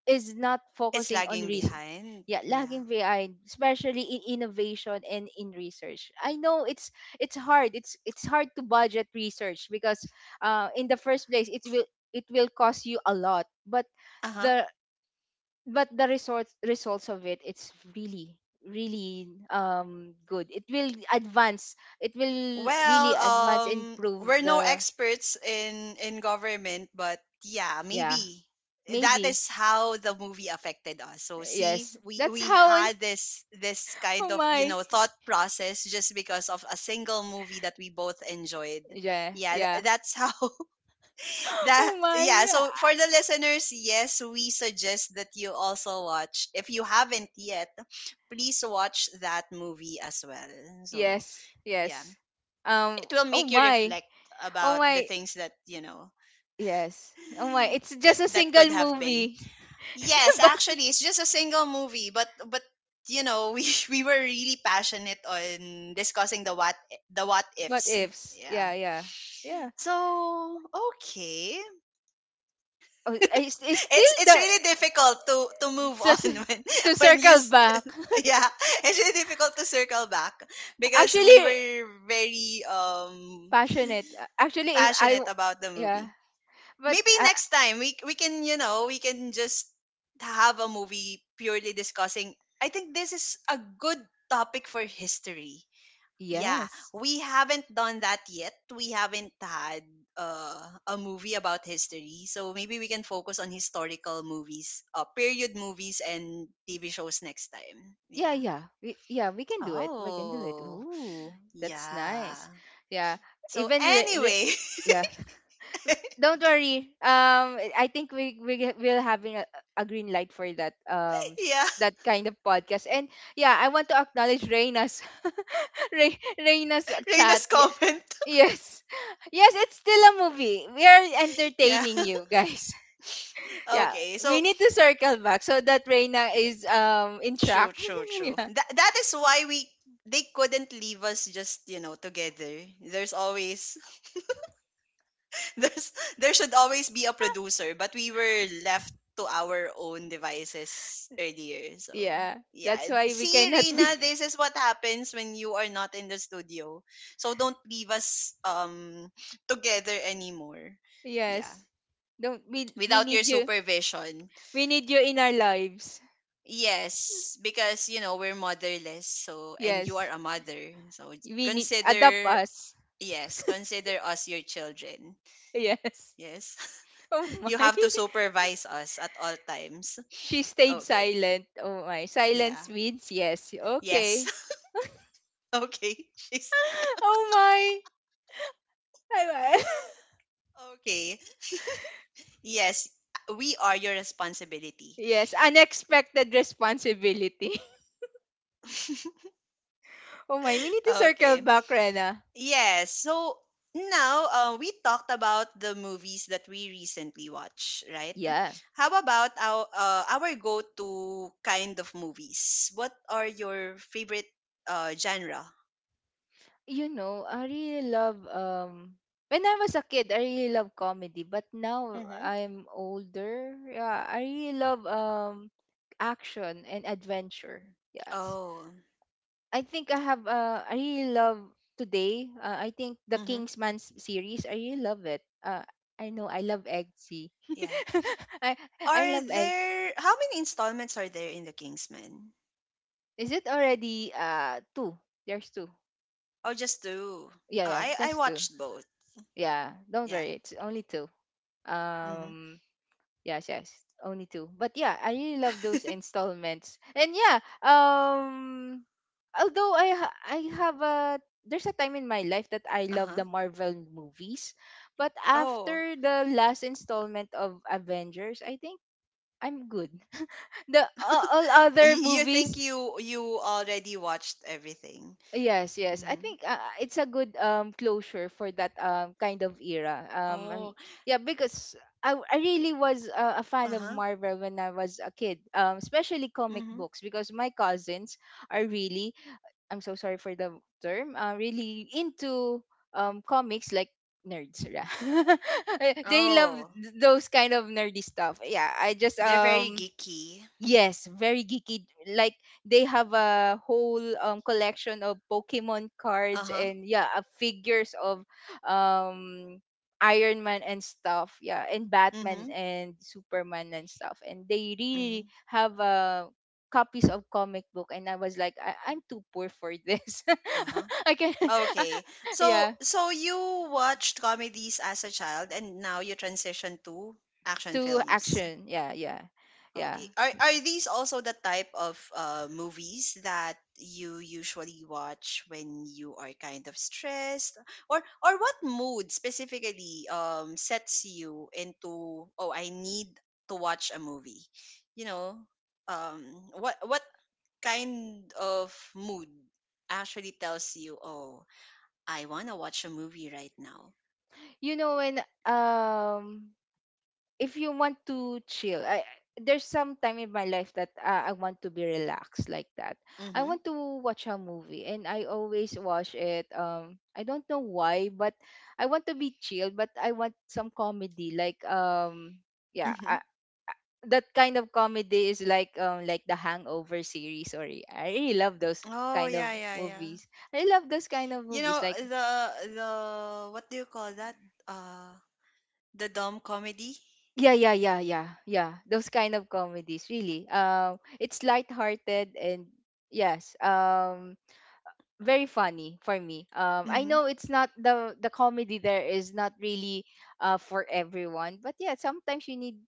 is not It's focusing on lagging risk. behind. Yeah, Yeah. lagging behind, especially in innovation and in research. I know it's hard, it's hard to budget research, because in the first place, it will cost you a lot. But Uh huh. the but the results, of it, it's really, really good. It will advance, it will really Well, advance and improve we're no the... experts in government, but yeah, yeah, maybe that maybe. is how the movie affected us. So see, Yes, we that's we how had this kind oh of, my. Thought process just because of a single movie that we both enjoyed. Yeah, Yeah, yeah. That's how that, Oh my. yeah. Yeah. So for the listeners, yes, we suggest that you also watch. If you haven't yet, please watch that movie as well. So Yes, yeah, yes. Um, it will oh make you my. reflect Oh about the my. things that Yes. Oh my. It's that just a that could single have been. movie. Yes, But actually, it's just a single movie, but we we were really passionate on discussing the what ifs, ifs? yeah. Yeah, yeah. Yeah. So okay, Oh, it's it's still it's the... really difficult to move so on. so- when to when you circle back. yeah, it's really difficult to circle back because Actually, we were very passionate. Actually, if passionate about the yeah. movie. But Maybe next time we can just have a movie purely discussing. I think this is a good topic for history, yeah. yes. We haven't done that yet, we haven't had uh, a movie about history, so maybe we can focus on historical movies, period movies and TV shows next time, Yeah, yeah. yeah. We, yeah, we can do it. We can do it. Oh Ooh, that's yeah. nice. Yeah. So Even anyway, yeah. Don't worry. I think we will having a green light for that yeah, that kind of podcast. And yeah, I want to acknowledge Reina's Reina's chat. Reina's Yeah, comment. yes, yes, it's still a movie. We are Yeah. entertaining you guys. Yeah, Okay. So we need to circle back so that Reina is in track. true, true, true. Yeah, That is why we they couldn't leave us just, together. There's always there's there should always be a producer, but we were left to our own devices earlier. So, yeah. yeah. That's why we See, cannot Reina, be. this is what happens when you are not in the studio. So don't leave us together anymore. Yeah. Yes, don't we? We Without your need you. supervision. We need you in our lives. Yes, because you know we're motherless, so and you are Yes. a mother, so We need adapt consider, us. yes, consider us your children. Yes. Yes, Oh you my. have to supervise us at all times. She stayed Okay, silent. Oh my. yeah, Silence means yes. Okay. yes, okay, she's Oh my. I- I- okay. Yes, we are your responsibility. Yes, unexpected responsibility. Oh my, we need to circle Okay. back, Rena. Yes. So now, we talked about the movies that we recently watched, right? Yeah. How about our go-to kind of movies? What are your favorite genre? You know, I really love, when I was a kid, I really love comedy, but now Mm-hmm. I'm older. Yeah, I really love action and adventure. Yes. Oh, I think I have, I really love today. I think the mm-hmm. Kingsman series. I really love it. I know I love Eggsy. Yeah. I I Are love egg. there how many installments are there in The Kingsman? Is it already two? There's two. Oh, just two. Yeah, Oh, yeah, I just two. watched both. Yeah, don't Yeah. worry. It's only two. Mm-hmm. Um, yes, yes, only two. But yeah, I really love those installments. And yeah, um, although I have a... there's a time in my life that I Uh love huh. the Marvel movies, but Oh, after the last installment of Avengers, I think I'm good. The all other you think movies, you already watched everything? yes, yes. I Mm-hmm. think, it's a good closure for that kind of era. I'm... Oh. yeah, because I really was, a fan of Uh-huh, Marvel when I was a kid. Especially comic mhm. books, because my cousins are really... I'm so sorry for the term, really into comics, like nerds. Yeah. They love Oh, those kind of nerdy stuff. Yeah, I just they're very geeky. yes, very geeky. Like, they have a whole collection of Pokemon cards, Uh-huh, and yeah, figures of um Iron Man and stuff. Yeah, and Batman mhm, and Superman and stuff. And they really mhm, have copies of comic book, and I was like, I'm too poor for this. uh-huh. I can Okay, so yeah, so you watched comedies as a child, and now you transition to action to films. action. Yeah, yeah. Yeah. Okay. Are these also the type of movies that you usually watch when you are kind of stressed, or what mood specifically sets you into, oh, I need to watch a movie, you know, um what kind of mood actually tells you, oh, I wanna watch a movie right now. You know, when if you want to chill, I there's some time in my life that, I want to be relaxed like that. I Mm-hmm. want to watch a movie, and I always watch it. I don't know why, but I want to be chill, but I want some comedy like yeah, Mm-hmm. That kind of comedy is like like the Hangover series. Sorry, I really love those Oh kind of yeah, yeah, yeah. movies. I love those kind of You know movies, like... the what do you call that? Uh, the dumb comedy. Yeah, yeah, yeah, yeah, yeah. Those kind of comedies, really. It's lighthearted and yes, very funny for me. I Mhm. know it's not the comedy, there is not really for everyone, but yeah, sometimes you need,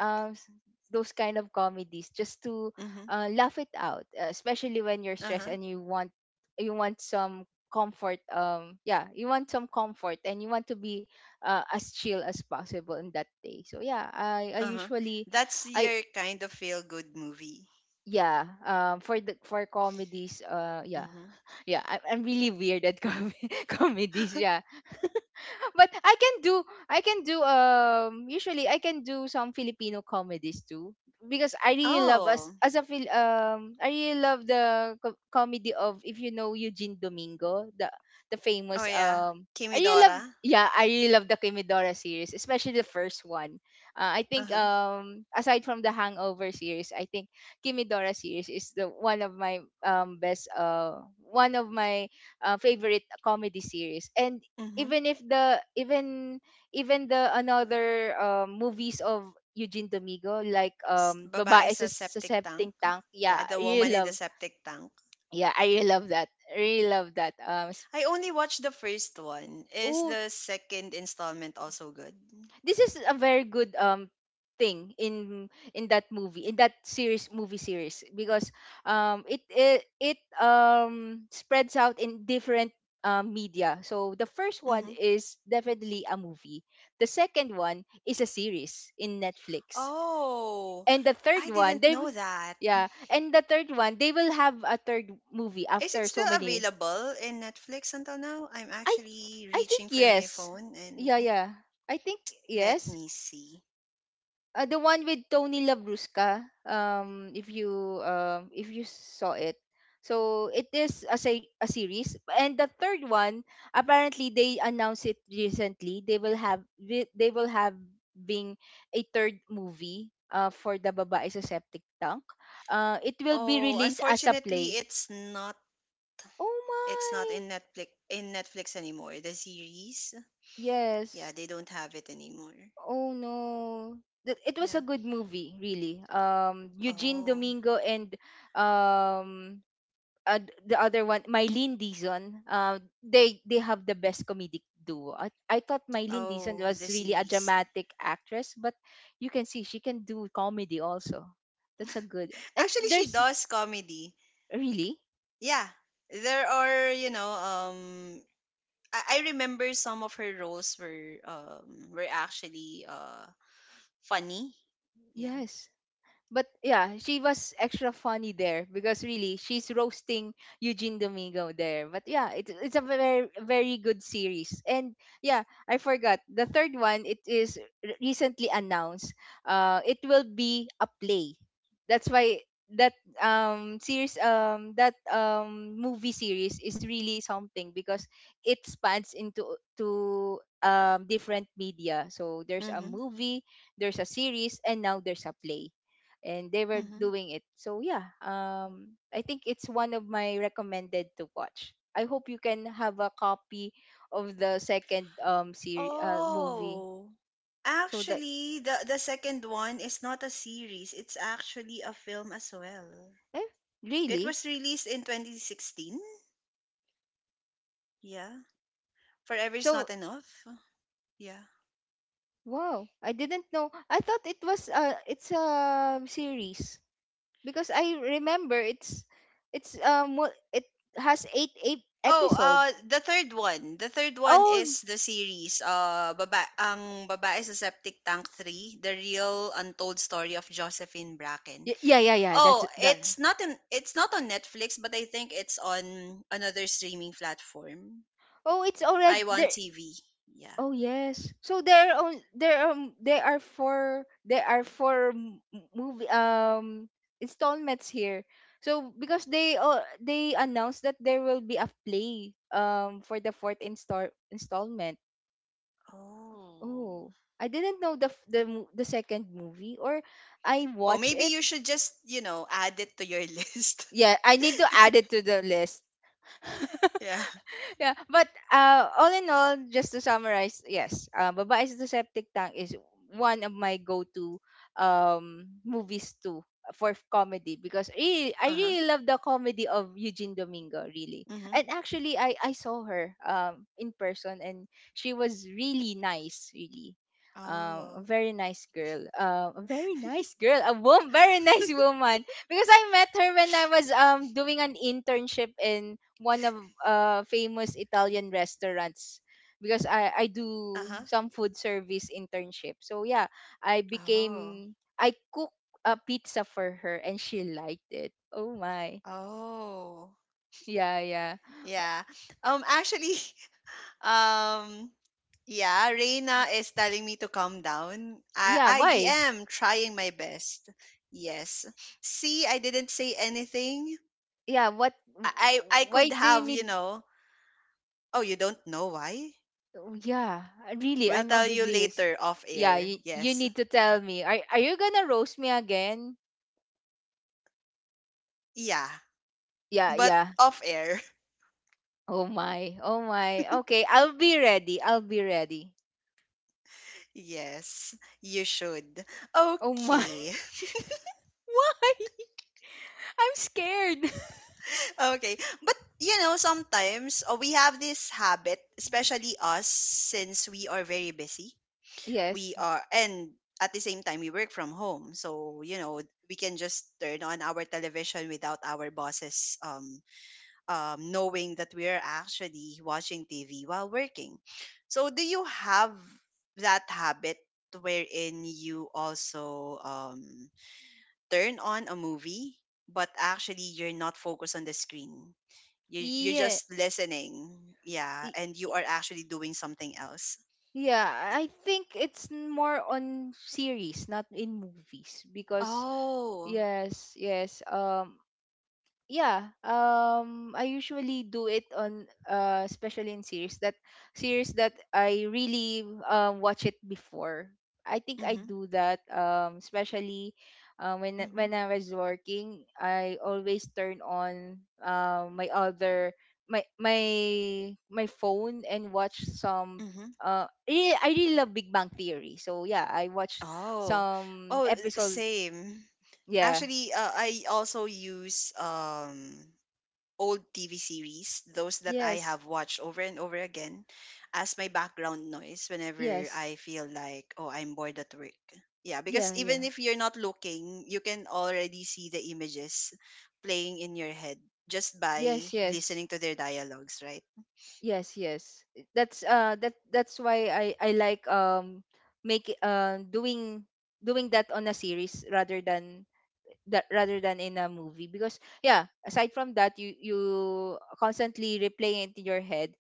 um s- those kind of comedies just to, Mhm. Laugh it out, especially when you're Uh stressed huh. and you want some comfort. Yeah, you want some comfort and you want to be, as chill as possible in that day. So yeah, I Uh huh. usually... That's I your kind of feel good movie. yeah, for comedies, yeah. Mhm. Yeah, I'm really weird at comedies. Yeah, but I can do, usually I can do some Filipino comedies too, because I really love Oh. I really love the comedy of, if you know Eugene Domingo, the Oh famous yeah. I really love, Kimidora. yeah, I really love the Kimidora series, especially the first one. I Uh think, huh. Aside from the Hangover series, I think Kimidora series is the one of my best one of my, favorite comedy series. And Mhm. even if the even, even the another movies of Eugene Domingo, like Babae babae sa, sa sa septic tank. septic tank, yeah, Yeah, I the really woman in the love. septic tank. Yeah, I really love that, I really love that, I only watched the first one. Is oh, the second installment also good? this is a very good thing in that movie, in that series, movie series, because it it, it spreads out in different, media. So the first one Mhm. is definitely a movie, the second one is a series in Netflix, Oh, and the third I one, didn't know that. yeah, and the third one, they will have a third movie Is it after so still many. available in Netflix until now? I'm actually I think reaching for my yes. phone and Yeah, yeah, I think let yes. me see. The one with Tony Labrusca. If you, if you saw it, so it is a series. And the third one, apparently they announced it recently. They will have being a third movie, for the babae sa septic tank. It will be Oh, released as a unfortunately, play. it's not. Oh It's not my! in Netflix anymore. The series, yeah, Yes. they don't have it anymore. Oh no. It was a Yeah. good movie, really. Eugene Oh, Domingo and, um uh, the other one, Mylene Dizon, they have the best comedic duo. I thought Mylene Dizon oh, the was really a series. dramatic actress, but you can see she can do comedy also. That's a good, and Actually, she there's does comedy. really Yeah, there are. I remember some of her roles were actually funny, yeah. yes. But yeah, she was extra funny there, because really she's roasting Eugene Domingo there. But yeah, it's a very, very good series. And yeah, I forgot the third one. It is recently announced. It will be a play. That's why that that movie series is really something, because it spans into to different media. So there's a Hmm. movie, there's a series, and now there's a play, and they were Mhm. doing it. So yeah, I think it's one of my recommended to watch. I hope you can have a copy of the second, series movie. Oh. So that, Actually, the second one is not a series. It's actually a film as well. eh It really, was released in 2016. Yeah. Forever is so not enough. Yeah. wow, I didn't know, I thought it was, it's a series, because I remember it's it has eight Oh, episodes. the third one. The third one Oh, is the series. Baba ang babae sa Septic Tank 3, The Real Untold Story of Josephine Bracken. Yeah, yeah, yeah, that's Oh, that. It's not on Netflix, but I think it's on another streaming platform. Oh, it's I already want there. TV. Yeah. Oh yes. So there are on there there are four movie installments here. So because they announced that there will be a play for the fourth installment. Oh. Oh, I didn't know the f- the mo- the second movie, or I Oh, watch maybe it. you should just, add it to your list. Yeah, I need to add it to the list. Yeah. Yeah, but all in all, just to summarize, yes, baba is the septic tank is one of my go-to movies too, for comedy, because really, I Uh-huh. really love the comedy of Eugene Domingo, really. Mhm. And actually I saw her, in person, and she was really nice, really, a Oh. very nice girl, a woman, very nice woman, because I met her when I was, doing an internship in one of, famous Italian restaurants, because I do Uh-huh. some food service internship. So yeah, Oh. I cook a pizza for her and she liked it. Oh my. Oh. Yeah, yeah. Yeah. Actually, um yeah, Reina is telling me to calm down. I Yeah, I why? am trying my best. Yes. See, I didn't say anything. Yeah, what I why could do you have, need... oh, you don't know why? Oh, yeah, really, We'll I'm tell you oblivious. later off Yeah, air. you Yes. need to tell me. Are you gonna roast me again? Yeah. Yeah, But yeah. off air. Oh my. Oh my. Okay, I'll be ready. I'll be ready. Yes. You should. Oh my. Okay. Why? I'm scared. Okay. But sometimes we have this habit, especially us, since we are very busy. We Yes. are, and at the same time, we work from home. So, we can just turn on our television without our bosses knowing that we are actually watching TV while working. So, do you have that habit wherein you also turn on a movie, but actually you're not focused on the screen? You're Yeah. just listening, yeah, Y- and you y- are actually doing something else. Yeah, I think it's more on series, not in movies. Because Oh, yes, yes. Yeah, I usually do it on, especially in series that, I really, watch it before. I think I mm-hmm, do that, especially, when mm-hmm, when I was working, I always turn on, my other, my phone and watch some, mm-hmm. Really, I really love Big Bang Theory, so yeah, I watch Oh, some oh, episode. same. Yeah, Actually, I also use old TV series, those that I yes, have watched over and over again, as my background noise whenever yes, I feel like, oh, I'm bored at work. Yeah, because yeah, yeah. even if you're not looking, you can already see the images playing in your head just by Yes, yes, listening to their dialogues, right? yes, yes. That's, that... that's why I like, make doing that on a series rather than, that rather than in a movie, because yeah, aside from that, you constantly replaying it in your head,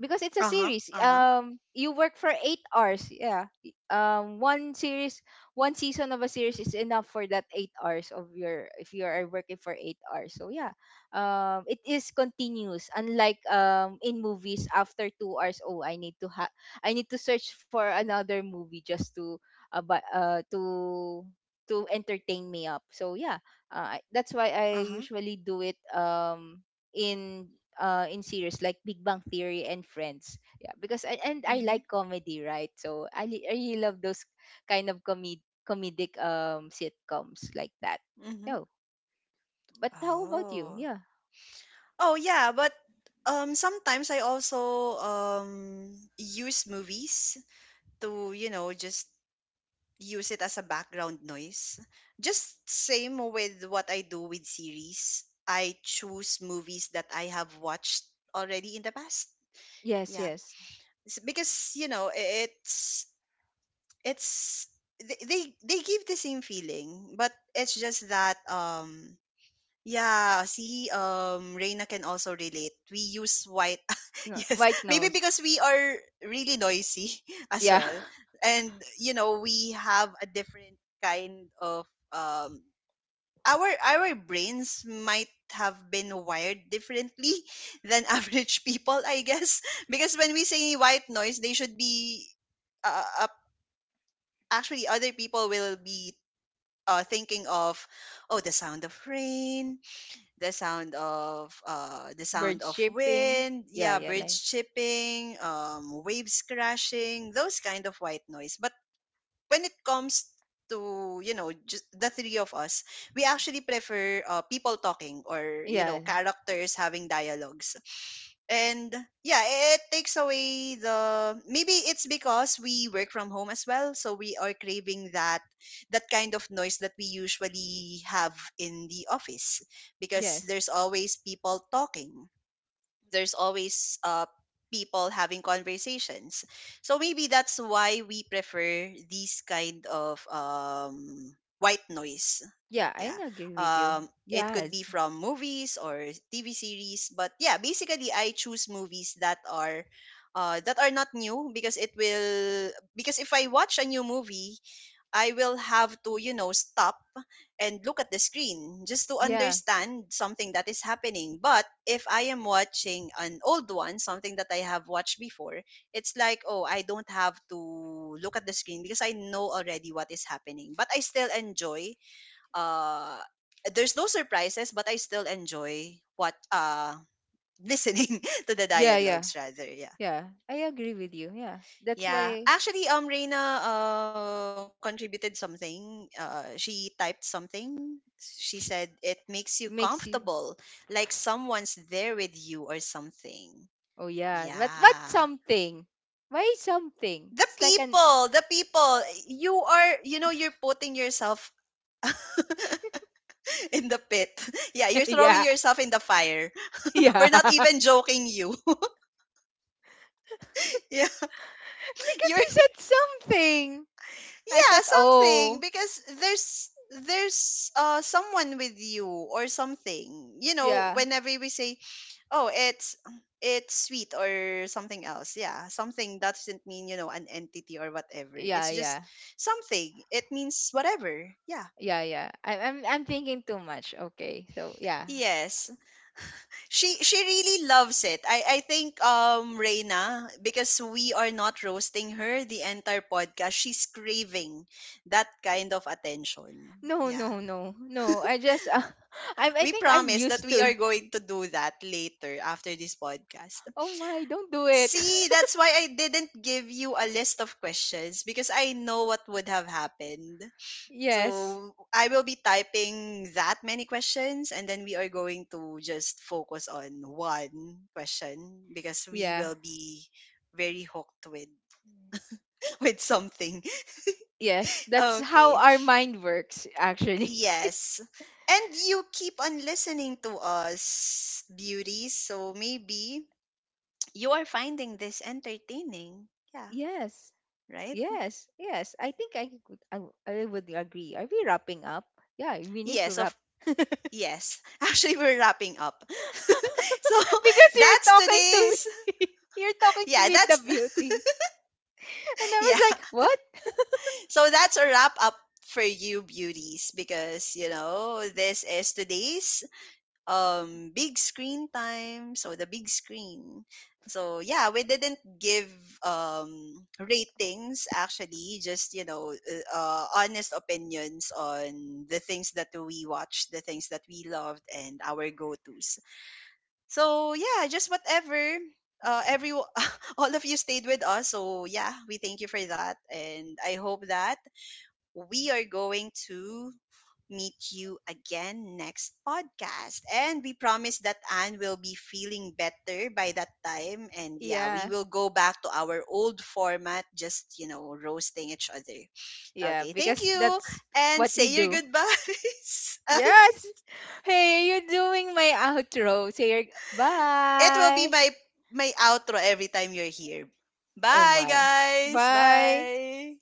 because it's a Uh huh. series, Uh huh. You work for 8 hours, yeah. One season of a series is enough for that 8 hours of your, if you are working for 8 hours. So yeah, it is continuous, unlike, in movies, after 2 hours, oh, I need to search for another movie just to, uh, bu- uh to to entertain me up. So yeah, that's why I Uh huh. usually do it, in in series, like Big Bang Theory and Friends. Yeah, because and I Mhm. like comedy, right? So, I really love those kind of comedic sitcoms like that. Mhm. No. But how about you? Oh. Yeah. Oh yeah, but sometimes I also use movies to, just use it as a background noise. Just same with what I do with series. I choose movies that I have watched already in the past. Yes, Yeah. yes. It's because, it's they give the same feeling, but it's just that yeah, see, Reina can also relate. We use white. No, Yes, white maybe nose. because we are really noisy as Yeah. well. And, we have a different kind of, our brains might have been wired differently than average people, I guess. Because when we say white noise, they should be, uh, uh, actually, other people will be thinking of, oh, the sound of rain, the Bird sound of shipping. wind, Yeah, yeah, yeah, like, birds chirping, waves crashing, those kind of white noise. But when it comes to, just the three of us, we actually prefer people talking, or yeah, characters having dialogues, and yeah, it takes away the maybe it's because we work from home as well, so we are craving that, that kind of noise that we usually have in the office, because yes. there's always people talking, there's always people having conversations, so maybe that's why we prefer these kind of white noise. Yeah, I Yeah, agree with you. It could be Yes. from movies or TV series, but yeah, basically I choose movies that are not new, because it will because if I watch a new movie I will have to, stop and look at the screen just to Yeah. understand something that is happening, but if I am watching an old one, something that I have watched before, it's like, oh, I don't have to look at the screen because I know already what is happening, but I still enjoy, uh there's no surprises, but I still enjoy what listening to the Yeah, yeah. dialogues, rather, yeah. Yeah. I agree with you. Yeah. That's Yeah, why actually, Reina contributed something, she typed something, she said sh- it makes you makes you... comfortable like someone's there with you or something, Oh yeah. But yeah. something? Why something? the It's like an people the people you are, you're putting yourself in the pit. Yeah, you're throwing yeah, yourself in the fire. yeah. We're not even joking you. Yeah. Because You're, you said something. I yeah, thought, something, oh, because there's someone with you or something. You know, yeah, whenever we say, "Oh, it's sweet or something else." Yeah, something doesn't mean, an entity or whatever. yeah, It's yeah, just something. It means whatever. Yeah. yeah, yeah. I'm thinking too much. Okay, so yeah. Yes. She really loves it. I think, Reina, because we are not roasting her the entire podcast, she's craving that kind of attention. No, Yeah. no, no, no. I just, I We think I'm promise that used we to are it. going to do that later after this podcast. Oh my, don't do it. See, that's why I didn't give you a list of questions, because I know what would have happened. Yes, So I will be typing that many questions, and then we are going to just focus on one question because we yeah, will be very hooked with with something. yes. That's how Okay. our mind works, actually. Yes. And you keep on listening to us, beauties. So maybe you are finding this entertaining. Yeah, Yes, right? yes, yes. I think I could, I would agree. Are we wrapping up? Yeah, we need to Yes, wrap. of Because yes. Actually we're wrapping up. So you're that's talking to me. today's, You're talking to yeah, me, the that's beauties. And I yeah. was like, "What?" So that's a wrap up for you beauties, because, this is today's big screen time, so the big screen, so yeah, we didn't give ratings, actually, just, honest opinions on the things that we watched, the things that we loved, and our go-to's. So yeah, just whatever, every all of you stayed with us, so yeah, we thank you for that, and I hope that we are going to meet you again next podcast. And we promise that Anne will be feeling better by that time. And yeah, we Yeah. will go back to our old format, just, roasting each other. Yeah, Okay, thank because you. that's And what we say your do. goodbyes. Anne. Yes. Hey, you're doing my outro. Say your It will be bye. my outro every time you're here. Oh Bye my. guys. Bye. Bye.